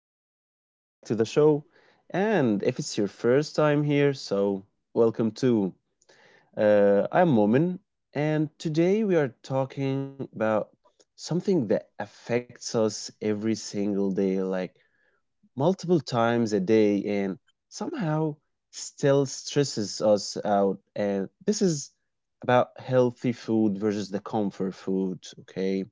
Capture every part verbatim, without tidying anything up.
Uh, welcome back to the show. And if it's your first time here, so welcome too. Uh, I'm Momin, and today we are talking about something that affects us every single day, like multiple times a day, and somehow still stresses us out. And this is about healthy food versus the comfort food, okay?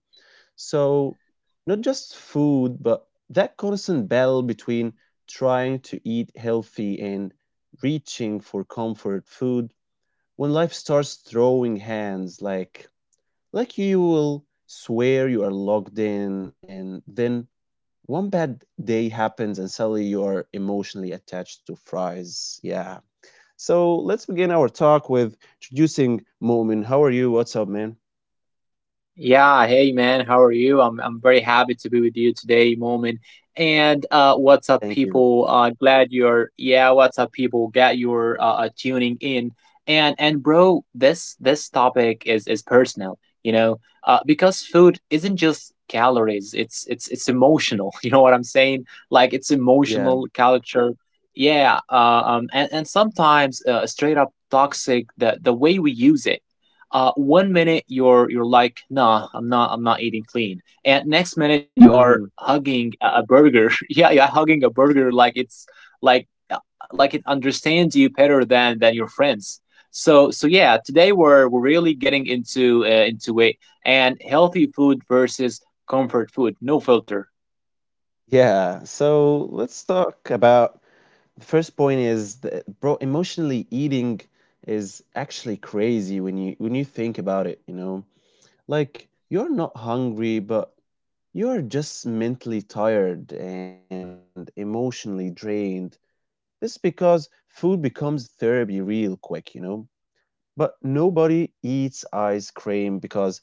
So, not just food, but that constant battle between trying to eat healthy and reaching for comfort food when life starts throwing hands like like you will swear you are locked in and then one bad day happens and suddenly you are emotionally attached to fries. Yeah. So let's begin our talk with introducing Momin. How are you? What's up, man? Yeah, hey man, how are you? I'm I'm very happy to be with you today, moment. And uh, what's up, Thank you. people? Uh, glad you're yeah. What's up, people? Got your uh, uh, tuning in. And and bro, this this topic is is personal, you know, uh, because food isn't just calories. It's it's it's emotional. You know what I'm saying? Like it's Yeah. emotional culture. Yeah. Uh, um. And and sometimes uh, straight up toxic. The the way we use it, uh, one minute you're you're like, nah, i'm not i'm not eating clean, and next minute you are Mhm. hugging a a burger. Yeah, you're hugging a burger like it's like uh, like it understands you better than than your friends. So so yeah, today we're we're really getting into uh, into it. And healthy food versus comfort food, no filter. Yeah, so let's talk about the first point is the bro emotionally eating is actually crazy when you when you think about it, you know. Like you're not hungry, but you're just mentally tired and emotionally drained. This is because food becomes therapy real quick, you know. But nobody eats ice cream because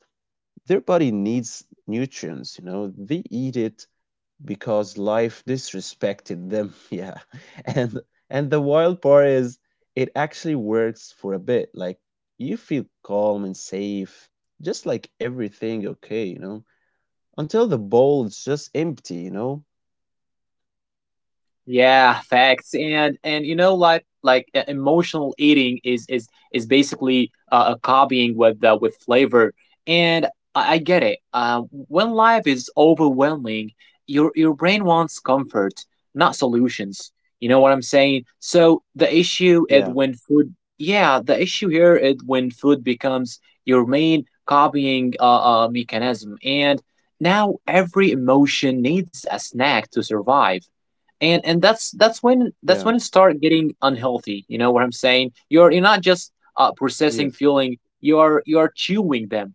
their body needs nutrients, you know. They eat it because life disrespected them. Yeah. And and the wild part is it actually works for a bit. Like you feel calm and safe, just like everything okay, you know, until the bowl is just empty, you know? Yeah, facts. And and you know like like uh, emotional eating is is is basically uh, a copying with uh, with flavor. And I, I get it. Uh, when life is overwhelming, your your brain wants comfort, not solutions. You know what I'm saying? So the Yeah. issue is when food yeah, the issue here is when food becomes your main copying uh, uh mechanism, and now every emotion needs a snack to survive. And and that's that's when Yeah. that's when it start getting unhealthy. You know what I'm saying? You're you're not just uh, processing Yes. feeling, you're you're chewing them.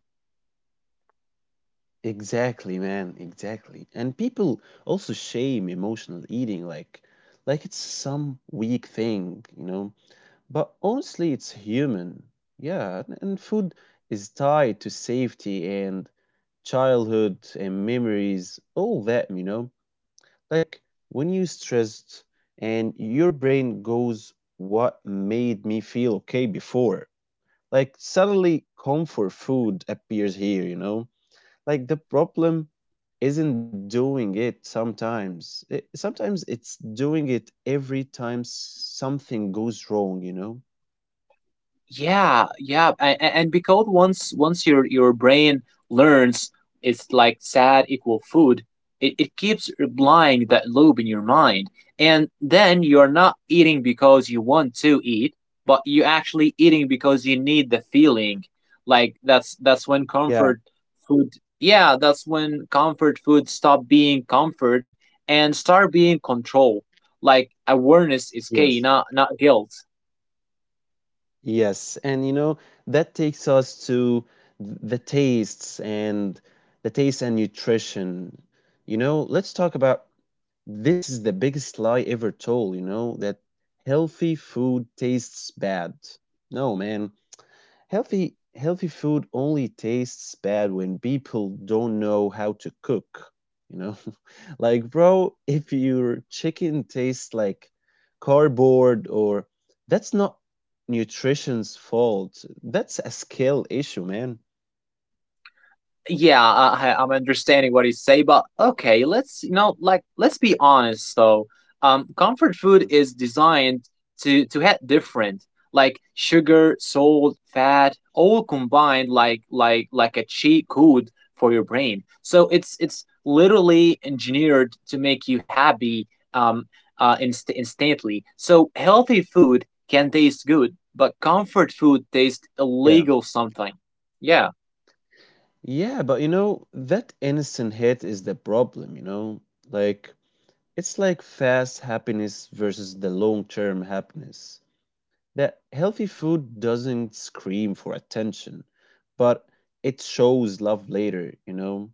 Exactly, man. Exactly. And people also shame emotional eating like like it's some weak thing, you know? But honestly, it's human. Yeah, and and food is tied to safety and childhood and memories, all that, you know? Like when you're stressed and your brain goes, what made me feel okay before? Like suddenly comfort food appears here, you know? Like the problem isn't doing it sometimes. It, sometimes it's doing it every time something goes wrong, you know? Yeah, yeah, and, and because once once your your brain learns it's like sad equal food, it, it keeps replying that loop in your mind, and then you are not eating because you want to eat, but you actually eating because you need the feeling. Like that's that's when Yeah. comfort food, yeah, that's when comfort food stop being comfort and start being control. Like awareness is Yes, key, not not guilt. yes, and you know that takes us to th- the tastes and the taste and nutrition. You know, let's talk about this is the biggest lie ever told, you know, that healthy food tastes bad. No, man. Healthy healthy food only tastes bad when people don't know how to cook, you know? Like, bro, if your chicken tastes like cardboard or that's not nutrition's fault. That's a skill issue, man. Yeah, I, I- I'm understanding what you say, but okay, let's you know, like let's be honest though. Um, comfort food Mm. is designed to to hit different, like sugar, salt, fat, all combined, like like like a cheat code for your brain. So it's it's literally engineered to make you happy um uh inst- instantly. So healthy food can taste good, but comfort food tastes Yeah. illegal something. Yeah. Yeah, but you know, that innocent hit is the problem, you know? Like it's like fast happiness versus the long-term happiness. That healthy food doesn't scream for attention, but it shows love later, you know?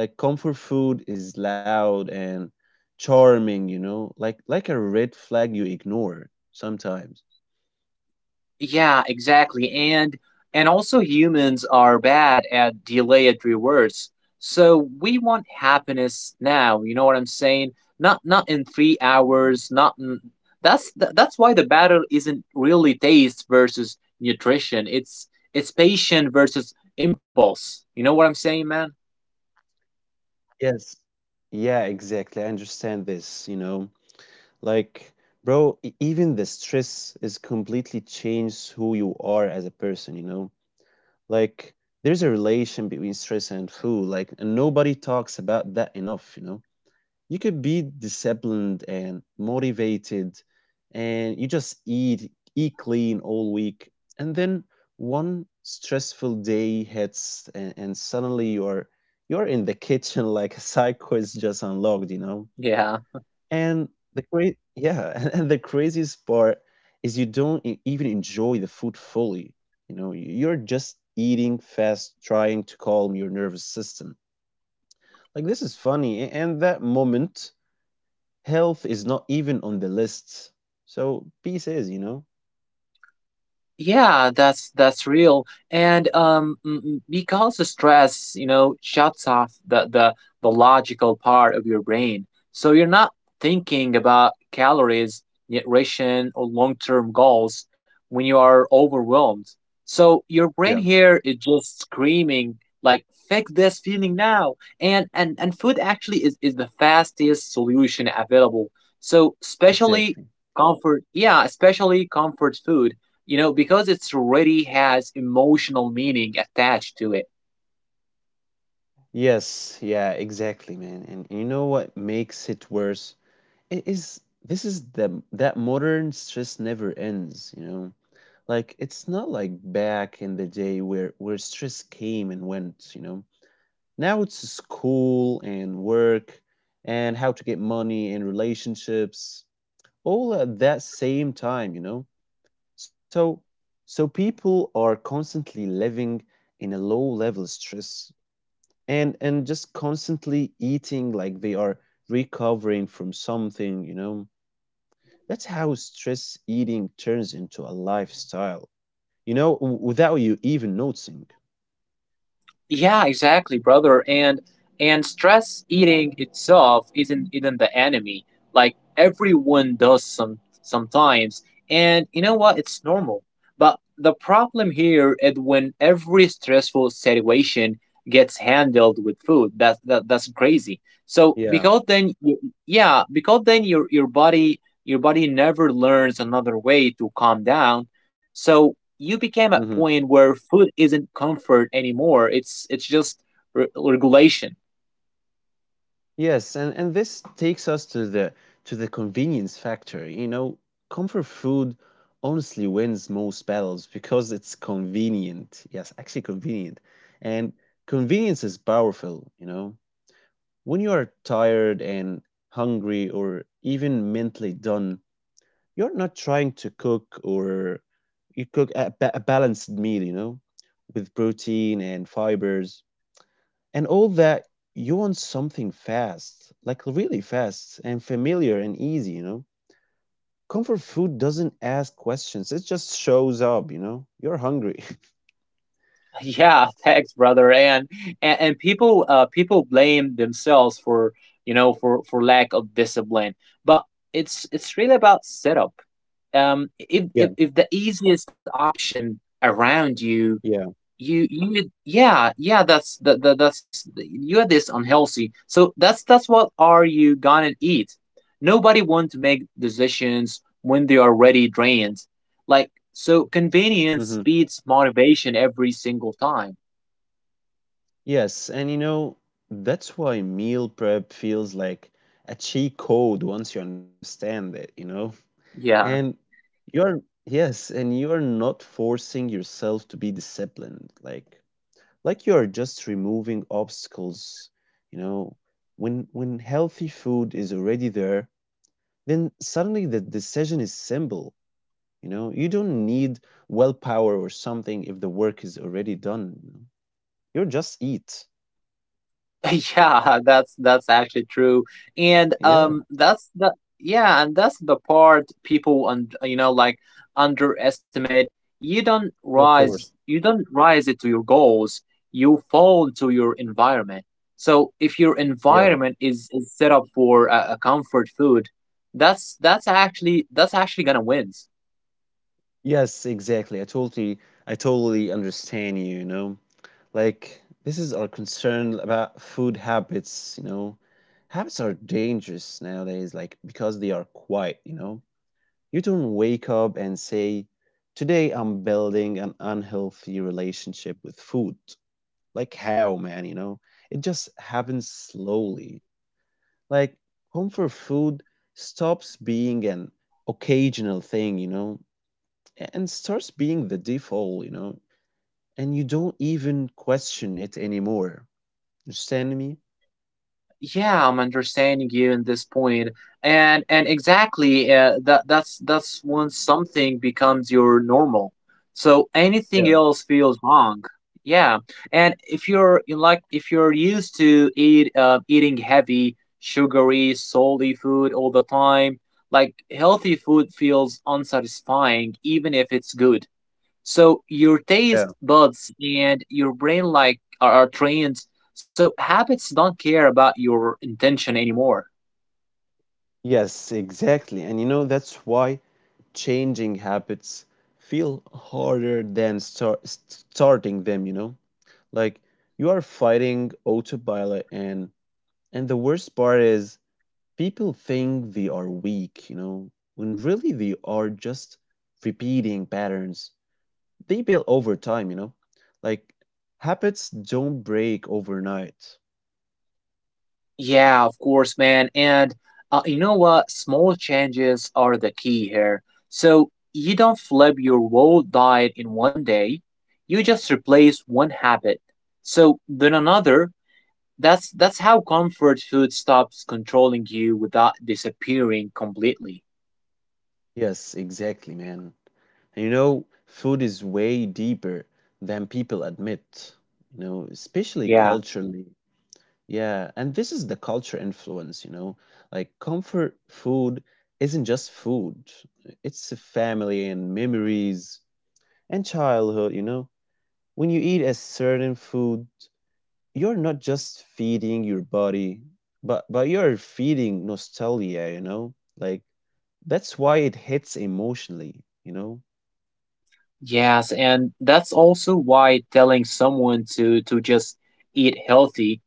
Like comfort food is loud and charming, you know, like like a red flag you ignore sometimes. Yeah, exactly. And and also humans are bad at delayed rewards. So we want happiness now, you know what I'm saying? Not not in three hours, not in, that's th- that's why the battle isn't really taste versus nutrition. It's it's patient versus impulse. You know what I'm saying, man? Yes. Yeah, exactly. I understand this, you know. Like, bro, e- even the stress is completely changed who you are as a person, you know. Like there's a relation between stress and food, like and nobody talks about that enough, you know. You could be disciplined and motivated and you just eat eat clean all week and then one stressful day hits and, and suddenly you're you're in the kitchen like a psycho is just unlocked, you know. Yeah. And the cra yeah, and the craziest part is you don't e even enjoy the food fully. You know, you're just eating fast, trying to calm your nervous system. Like this is funny, a- and that moment, health is not even on the list. So peace is, you know? Yeah, that's that's real. And um, mm, mm, because the stress, you know, shuts off the, the the logical part of your brain, so you're not thinking about calories, nutrition, or long-term goals when you are overwhelmed. So your brain Yeah, here is just screaming like, "Fix this feeling now!" And and and food actually is is the fastest solution available. So especially exactly. comfort, yeah, especially comfort food, you know, because it's already has emotional meaning attached to it. Yes, yeah, exactly, man. And you know what makes it worse? It is this is the that modern stress never ends, you know? Like, it's not like back in the day where where stress came and went, you know. Now it's school and work and how to get money and relationships all at that same time, you know. So so people are constantly living in a low level stress and and just constantly eating like they are recovering from something, you know. That's how stress eating turns into a lifestyle, you know, w without you even noticing. Yeah, exactly, brother. And and stress eating itself isn't isn't the enemy. Like everyone does some sometimes. And you know what? It's normal. But the problem here is when every stressful situation gets handled with food. That's that, that's crazy. Yeah. So because then you, yeah, because then your your body your body never learns another way to calm down. So you became a Mhm. point where food isn't comfort anymore. It's it's just re- regulation. Yes, and and this takes us to the to the convenience factor. You know, comfort food honestly wins most battles because it's convenient. Yes, actually convenient. And convenience is powerful, you know. When you are tired and hungry or even mentally done, you're not trying to cook or you cook a, ba- a balanced meal, you know, with protein and fibers and all that. You want something fast, like really fast and familiar and easy, you know. Comfort food doesn't ask questions, it just shows up, you know. You're hungry. Yeah, thanks, brother. And and, and people uh people blame themselves for you know for for lack of discipline, but it's it's really about setup. Um, if Yeah, if if the easiest option around you yeah, you you yeah yeah that's that, that that's you had this unhealthy, so that's that's what are you gonna eat. Nobody want to make decisions when they are already drained, like so mm-hmm. convenience beats motivation every single time. Yes, and you know, that's why meal prep feels like a cheat code once you understand it, you know? Yeah. And you're yes, and you're not forcing yourself to be disciplined. Like like you're just removing obstacles, you know. When when healthy food is already there, then suddenly the decision is simple. You know, you don't need willpower or something if the work is already done. You know? You're just eat. Yeah, that's that's actually true, and Yeah, um, that's the yeah, and that's the part people and you know like underestimate. You don't yeah, of rise, course. you don't rise it to your goals. You fall to your environment. So if your Yeah. environment is, is set up for a, a comfort food, that's that's actually that's actually gonna win. Yes, exactly. I totally I totally understand you, you know. Like this is our concern about food habits, you know. Habits are dangerous nowadays, like because they are quiet, you know. You don't wake up and say, today I'm building an unhealthy relationship with food. Like how, man, you know? It just happens slowly. Like comfort food stops being an occasional thing, you know, a- and starts being the default, you know, and you don't even question it anymore. You understand me? Yeah, I'm understanding you in this point. And and exactly, uh, that that's that's when something becomes your normal, so anything Yeah, else feels wrong. Yeah, and if you're you like if you're used to eat uh, eating heavy sugary salty food all the time, like healthy food feels unsatisfying even if it's good. So your taste yeah. buds and your brain like are, are trained. So habits don't care about your intention anymore. Yes, exactly. And you know, that's why changing habits feel harder than start starting them, you know? Like you are fighting autopilot, and and the worst part is people think they are weak, you know, when really they are just repeating patterns they build over time, you know? Like habits don't break overnight. Yeah, of course, man. And uh, you know what? Small changes are the key here. So you don't flip your whole diet in one day. You just replace one habit. So then another. That's that's how comfort food stops controlling you without disappearing completely. Yes, exactly, man. And you know, food is way deeper than people admit, you know, especially Yeah. culturally. Yeah, and this is the culture influence, you know. Like comfort food isn't just food. It's a family and memories and childhood, you know. When you eat a certain food, you're not just feeding your body, but but you're feeding nostalgia, you know? Like that's why it hits emotionally, you know? Yes, and that's also why telling someone to to just eat healthy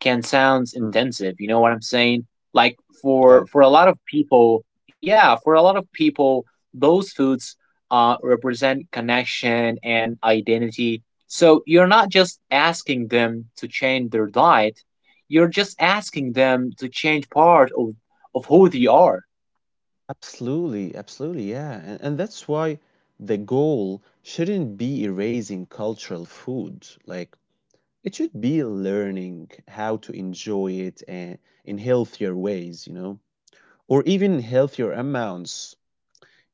can sound Mm, intensive, you know what I'm saying? Like yeah. for for a lot of people, yeah, for a lot of people, those foods uh represent connection and identity. So you're not just asking them to change their diet, you're just asking them to change part of of who they are. Absolutely, absolutely, yeah. And, and that's why the goal shouldn't be erasing cultural food. Like, it should be learning how to enjoy it and in healthier ways, you know, or even healthier amounts.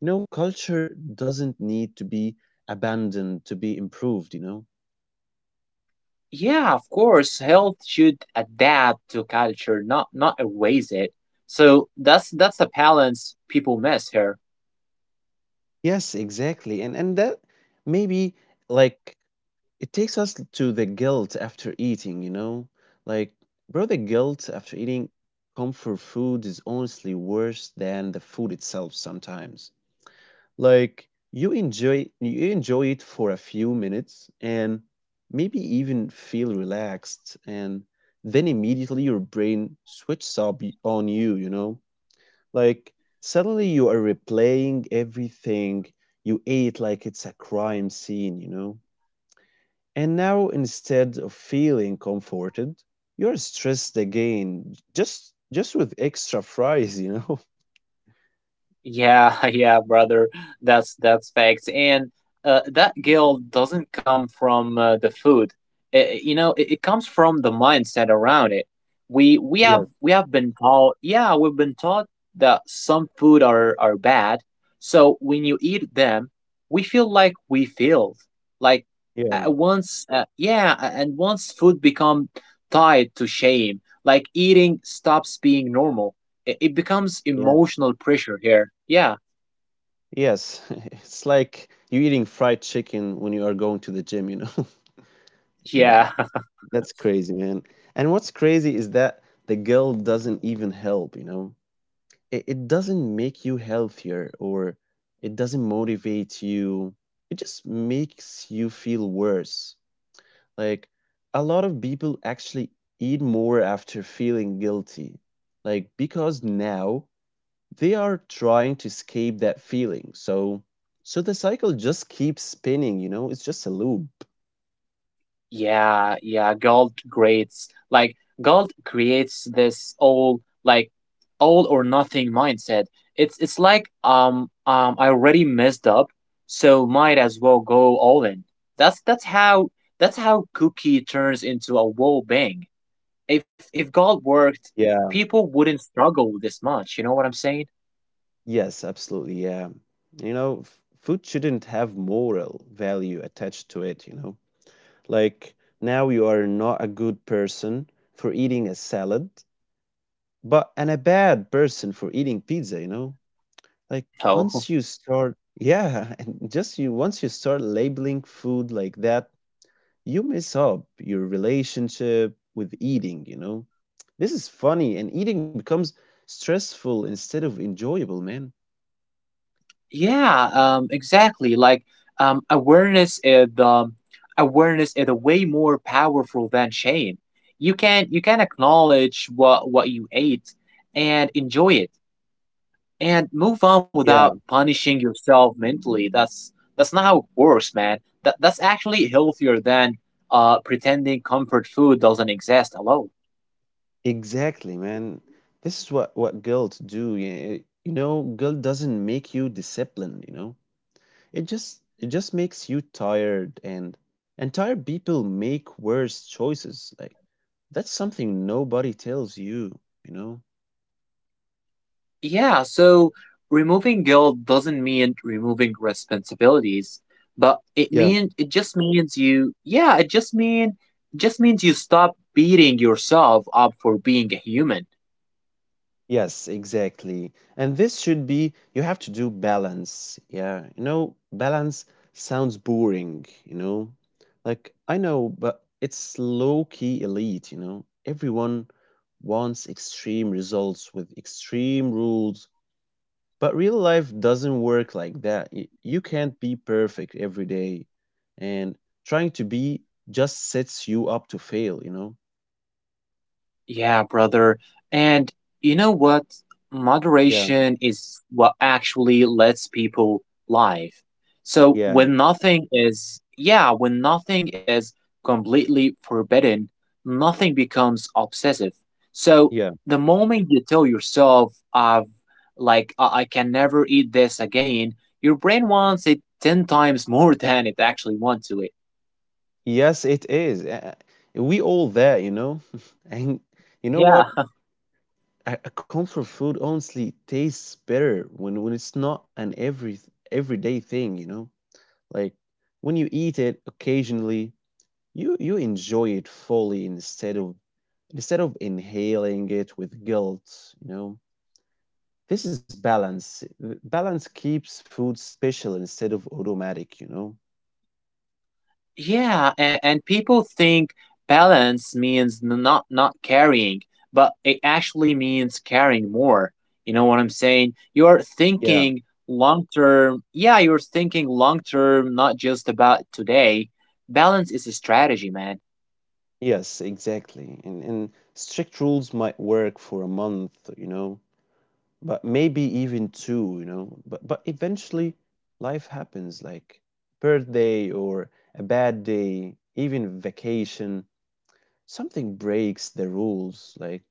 You know, culture doesn't need to be abandoned to be improved, you know? Yeah, of course, health should adapt to culture, not not erase it. So that's that's the balance people miss here. Yes, exactly. And and that maybe like it takes us to the guilt after eating, you know? Like, bro, the guilt after eating comfort food is honestly worse than the food itself sometimes. Like you enjoy you enjoy it for a few minutes and maybe even feel relaxed and then immediately your brain switches up y- on you, you know? Like suddenly you are replaying everything you ate like it's a crime scene, you know? And now instead of feeling comforted, you're stressed again j- just just with extra fries, you know? Yeah, yeah, brother. That's that's facts. And uh, that guilt doesn't come from uh, the food. I- I- you know, it, it comes from the mindset around it. We we have Yes, we have been taught, yeah, we've been taught that some food are are bad. So when you eat them, we feel like we failed. Like uh, once, uh, yeah, a- and once food become tied to shame, like eating stops being normal. it It becomes yeah. emotional pressure here. Yeah, Yes. It's like you eating fried chicken when you are going to the gym, you know? Yeah. yeah, That's crazy, man. And what's crazy is that the guilt doesn't even help, you know? It, it doesn't make you healthier or it doesn't motivate you. It just makes you feel worse. Like a lot of people actually eat more after feeling guilty. Like because now they are trying to escape that feeling. So so the cycle just keeps spinning, you know? It's just a loop. yeah, yeah. Gold grades like gold creates this all like all or nothing mindset. It's it's like um um I already messed up, so might as well go all in. That's that's how that's how Cookie turns into a wall bang. if if God worked, Yeah. people wouldn't struggle this much. You know what I'm saying? Yes, absolutely. Yeah. You know, f- food shouldn't have moral value attached to it, you know? Like now you are not a good person for eating a salad, but and a bad person for eating pizza, you know? Like once Oh, you start yeah, and just you once you start labeling food like that, you mess up your relationship with eating, you know? This is funny, and eating becomes stressful instead of enjoyable, man. yeah, um, exactly. Like um, awareness is um, awareness is a way more powerful than shame. You can you can acknowledge what what you ate and enjoy it and move on without Yeah. punishing yourself mentally. That's that's not how it works, man. That that's actually healthier than uh pretending comfort food doesn't exist alone. Exactly, man. This is what, what guilt do. y- You know, guilt doesn't make you disciplined, you know? It just it just makes you tired and and tired people make worse choices. Like that's something nobody tells you, you know? Yeah, so removing guilt doesn't mean removing responsibilities, but it Yeah. mean it just means you yeah, it just mean just means you stop beating yourself up for being a human. Yes, exactly. And this should be, you have to do balance. Yeah. You know, balance sounds boring, you know? Like, I know, but it's low key elite, you know? Everyone wants extreme results with extreme rules, but real life doesn't work like that. Y- You can't be perfect every day. And trying to be just sets you up to fail, you know? Yeah, brother. And you know what? Yeah. Moderation is what actually lets people live. So Yeah. when nothing is, yeah, when nothing is completely forbidden, nothing becomes obsessive. So Yeah. the moment you tell yourself, I've like, I, I can never eat this again, your brain wants it ten times more than it actually wants to it. Yes, it is. Uh, We all there, you know. And you know Yeah. what? A a comfort food honestly tastes better when when it's not an every everyday thing, you know. Like when you eat it occasionally, you you enjoy it fully instead of instead of inhaling it with guilt, you know. This is balance. Uh, Balance keeps food special instead of automatic, you know. Yeah, and, and people think balance means n- not not carrying, but it actually means carrying more. You know what I'm saying? You're Yeah. thinking long term. Yeah, you're thinking long term, not just about today. Balance is a strategy, man. Yes, exactly. And and strict rules might work for a month, you know, but maybe even two, you know. But but eventually life happens, like birthday or a bad day, even vacation, something breaks the rules, like,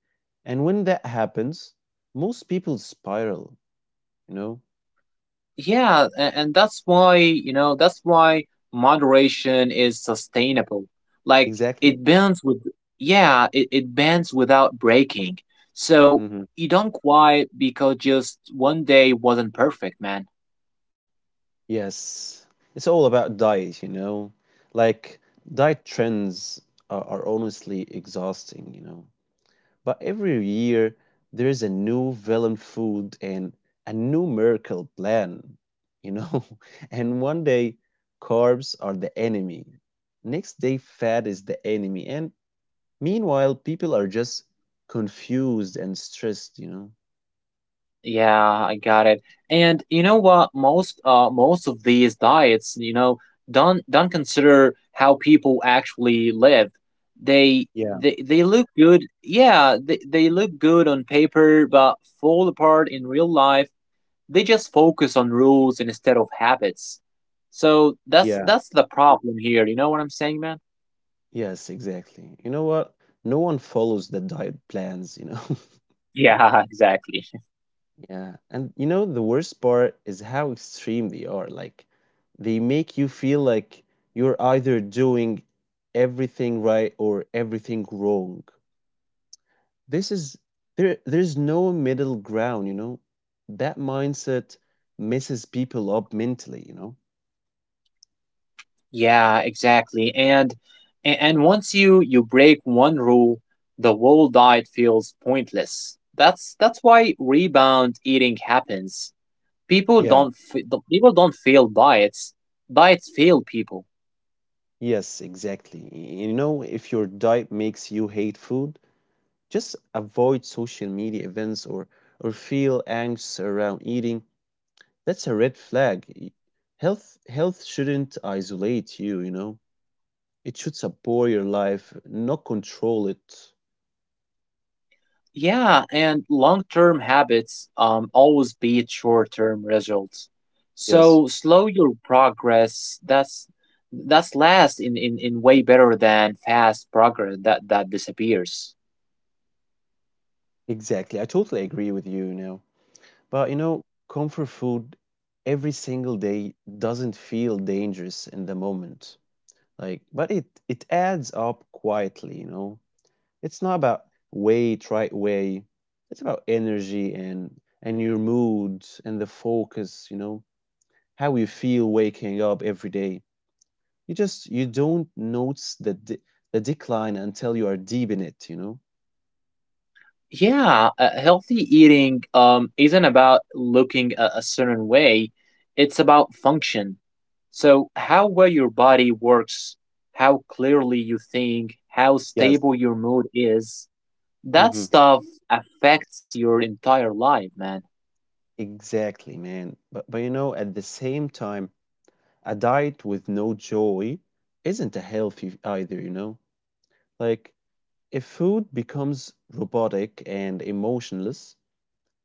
and when that happens, most people spiral, you know. Yeah, and, and that's why, you know, that's why moderation is sustainable. Like Exactly. it bends with, yeah, it, it bends without breaking. So Mhm. you don't quit because just one day wasn't perfect, man. Yes, it's all about diet, you know. Like diet trends are, are honestly exhausting, you know. But every year there is a new villain food and a new miracle plan, you know. And one day carbs are the enemy. Next day fat is the enemy. And meanwhile people are just confused and stressed, you know. Yeah, I got it. And you know what? Most uh most of these diets, you know, don't don't consider how people actually live. They Yeah, they they look good. Yeah, they they look good on paper, but fall apart in real life. They just focus on rules instead of habits. So that's yeah. that's the problem here. You know what I'm saying, man? Yes, exactly. You know what? No one follows the diet plans, you know. Yeah, exactly. Yeah, and you know the worst part is how extreme they are. Like, they make you feel like you're either doing everything right or everything wrong. This is there there's no middle ground, you know. That mindset messes people up mentally, you know. Yeah, exactly. And a- and once you you break one rule, the whole diet feels pointless. That's that's why rebound eating happens. People Yeah. don't f- the- people don't fail diets. Diets fail people. Yes, exactly. Y- You know, if your diet makes you hate food, just avoid social media events, or or feel anxious around eating. That's a red flag. Health health shouldn't isolate you, you know. It should support your life, not control it. Yeah, and long-term habits um always beat short-term results. Yes, So slow your progress. That's that's last in, in, in way better than fast progress that that disappears. exactly. I totally agree with you, you know. But you know, comfort food every single day doesn't feel dangerous in the moment. Like, but it it adds up quietly, you know. It's not about weight right way. It's about energy, and and your mood, and the focus, you know, how you feel waking up every day. You just you don't notice the de- the decline until you are deep in it, you know? Yeah, uh, healthy eating, um, isn't about looking a, a certain way, it's about function. So, how well your body works, how clearly you think, how Yes. stable your mood is, that Hmm. stuff affects your entire life, man. Exactly, man. But but you know, at the same time, a diet with no joy isn't a healthy either, you know? Like, if food becomes robotic and emotionless,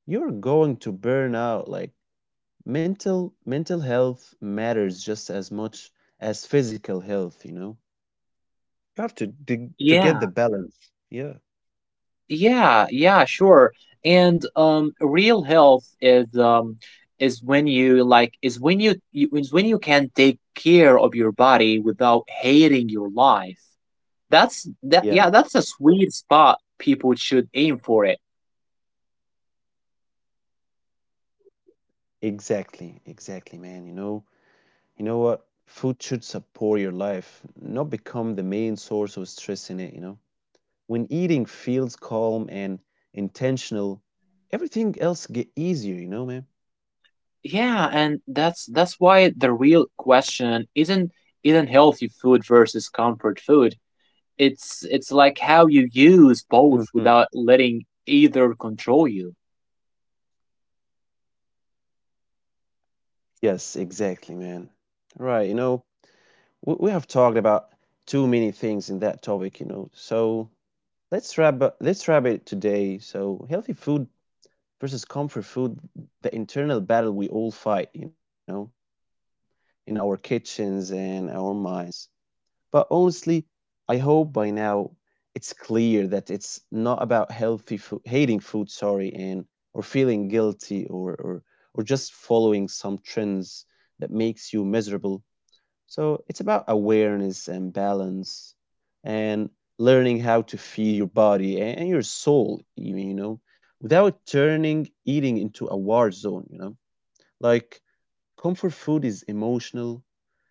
you're going to burn out. Like, mental mental health matters just as much as physical health, you know? You have to to to Yeah, get the balance. Yeah. yeah, yeah, sure. And um, real health is um is when you like is when you, you is when you can take care of your body without hating your life. That's that. Yeah, that's Yeah, a sweet spot. People should aim for it. exactly, exactly, man. You know, you know what? Food should support your life, not become the main source of stress in it, you know. When eating feels calm and intentional, everything else get easier, you know, man. Yeah, and that's that's why the real question isn't isn't healthy food versus comfort food. It's it's like how you use both without Mhm. letting either control you. Yes, exactly, man. Right, you know, we, we have talked about too many things in that topic, you know. So let's wrap up, let's wrap it today. So healthy food versus comfort food, the internal battle we all fight, you know, in our kitchens and our minds. But honestly, I hope by now it's clear that it's not about healthy food, hating food, sorry, and or feeling guilty, or or or just following some trends that makes you miserable. So it's about awareness and balance, and learning how to feed your body a- and your soul, even, you know, without turning eating into a war zone, you know. Like, comfort food is emotional,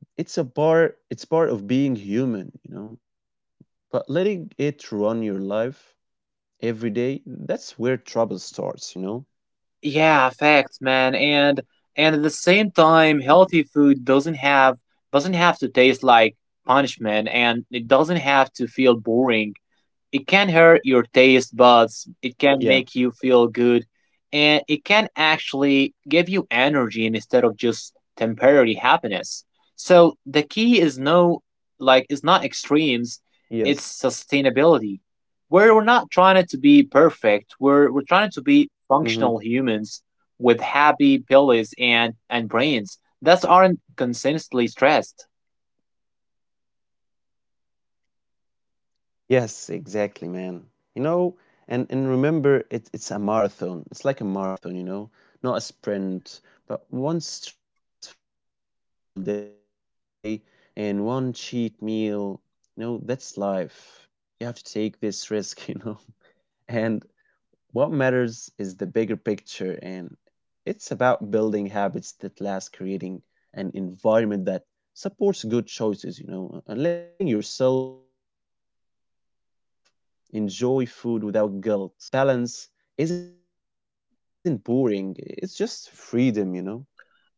and it's a part it's part of being human, you know. But letting it run your life every day, that's where trouble starts, you know. Yeah, facts, man. And and at the same time, Yeah. healthy food doesn't have doesn't have to taste like punishment, and it doesn't have to feel boring. It can hurt your taste buds, it can make Yeah. you feel good, and it can actually give you energy instead of just temporary happiness. So the key is no like it's not extremes, Yes. it's sustainability. Where we're not trying to be perfect, we're we're trying to be Mhm. functional humans with happy bellies and and brains that aren't consistently stressed. Yes, exactly, man. You know, and and remember, it, it's a marathon. It's like a marathon, you know, not a sprint. But one stressful day and one cheat meal, you know, that's life. You have to take this risk, you know. And what matters is the bigger picture, and it's about building habits that last, creating an environment that supports good choices, you know, and letting yourself enjoy food without guilt. If if you can do this, suddenly you realize that balance isn't boring. It's just freedom, you know?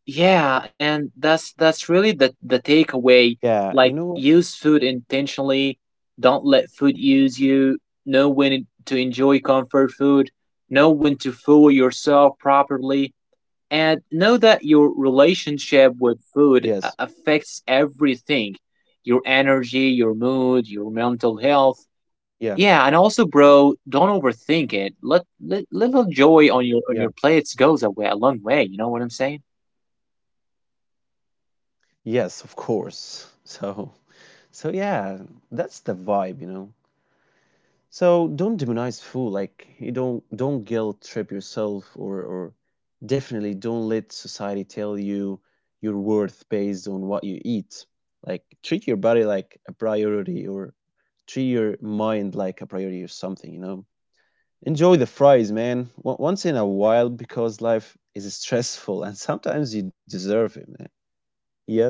Yeah, and that's that's really the the Yeah, you know what? takeaway. Like use food intentionally. Don't let food use you. Know when to enjoy comfort food. Know when to fool yourself properly. And know that your relationship Yes. with food a- affects everything. Your energy, your mood, your mental health. Yeah. Yeah, and also bro, don't overthink it. Let, let little joy Yeah. on your on your plates goes a way a long way, you know what I'm saying? Yes, of course. So, so yeah, that's the vibe, you know. So don't demonize food. Like, you don't don't guilt trip yourself, or or definitely don't let society tell you your worth based on what you eat. Like treat your body like a priority, or treat your mind like a priority or something, you know? Enjoy the fries, man, o- once in a while, because life is stressful and sometimes you deserve it, man. Yes?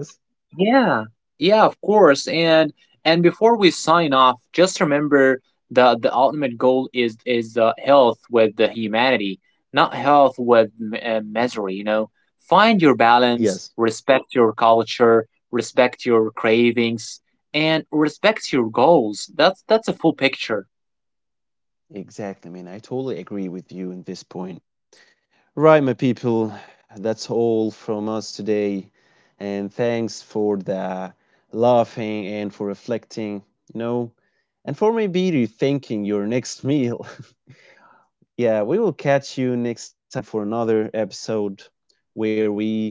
Yeah, yeah, of course. And and before we sign off, just remember the the ultimate goal is is uh, health with the humanity, not health with m- uh, misery. You know, find your balance, Yes. respect your culture, respect your cravings, and respect your goals. That's that's a full picture. Exactly, man. I totally agree with you in this point. Right, my people, that's all from us today. And thanks for the laughing and for reflecting, you know, and for maybe rethinking your next meal. Yeah, we will catch you next time for another episode where we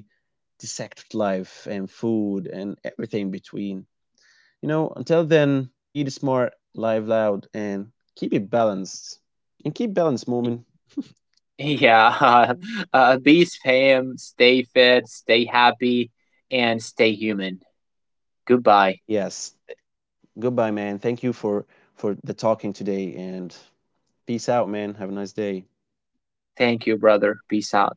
dissect life and food and everything between. You know, until then, eat smart, live loud, and keep it balanced. And keep balanced, moment. Yeah, uh, peace, fam. Stay fit, stay happy, and stay human. Goodbye. Yes. Goodbye, man. Thank you for for the talking today, and peace out, man. Have a nice day. Thank you, brother. Peace out.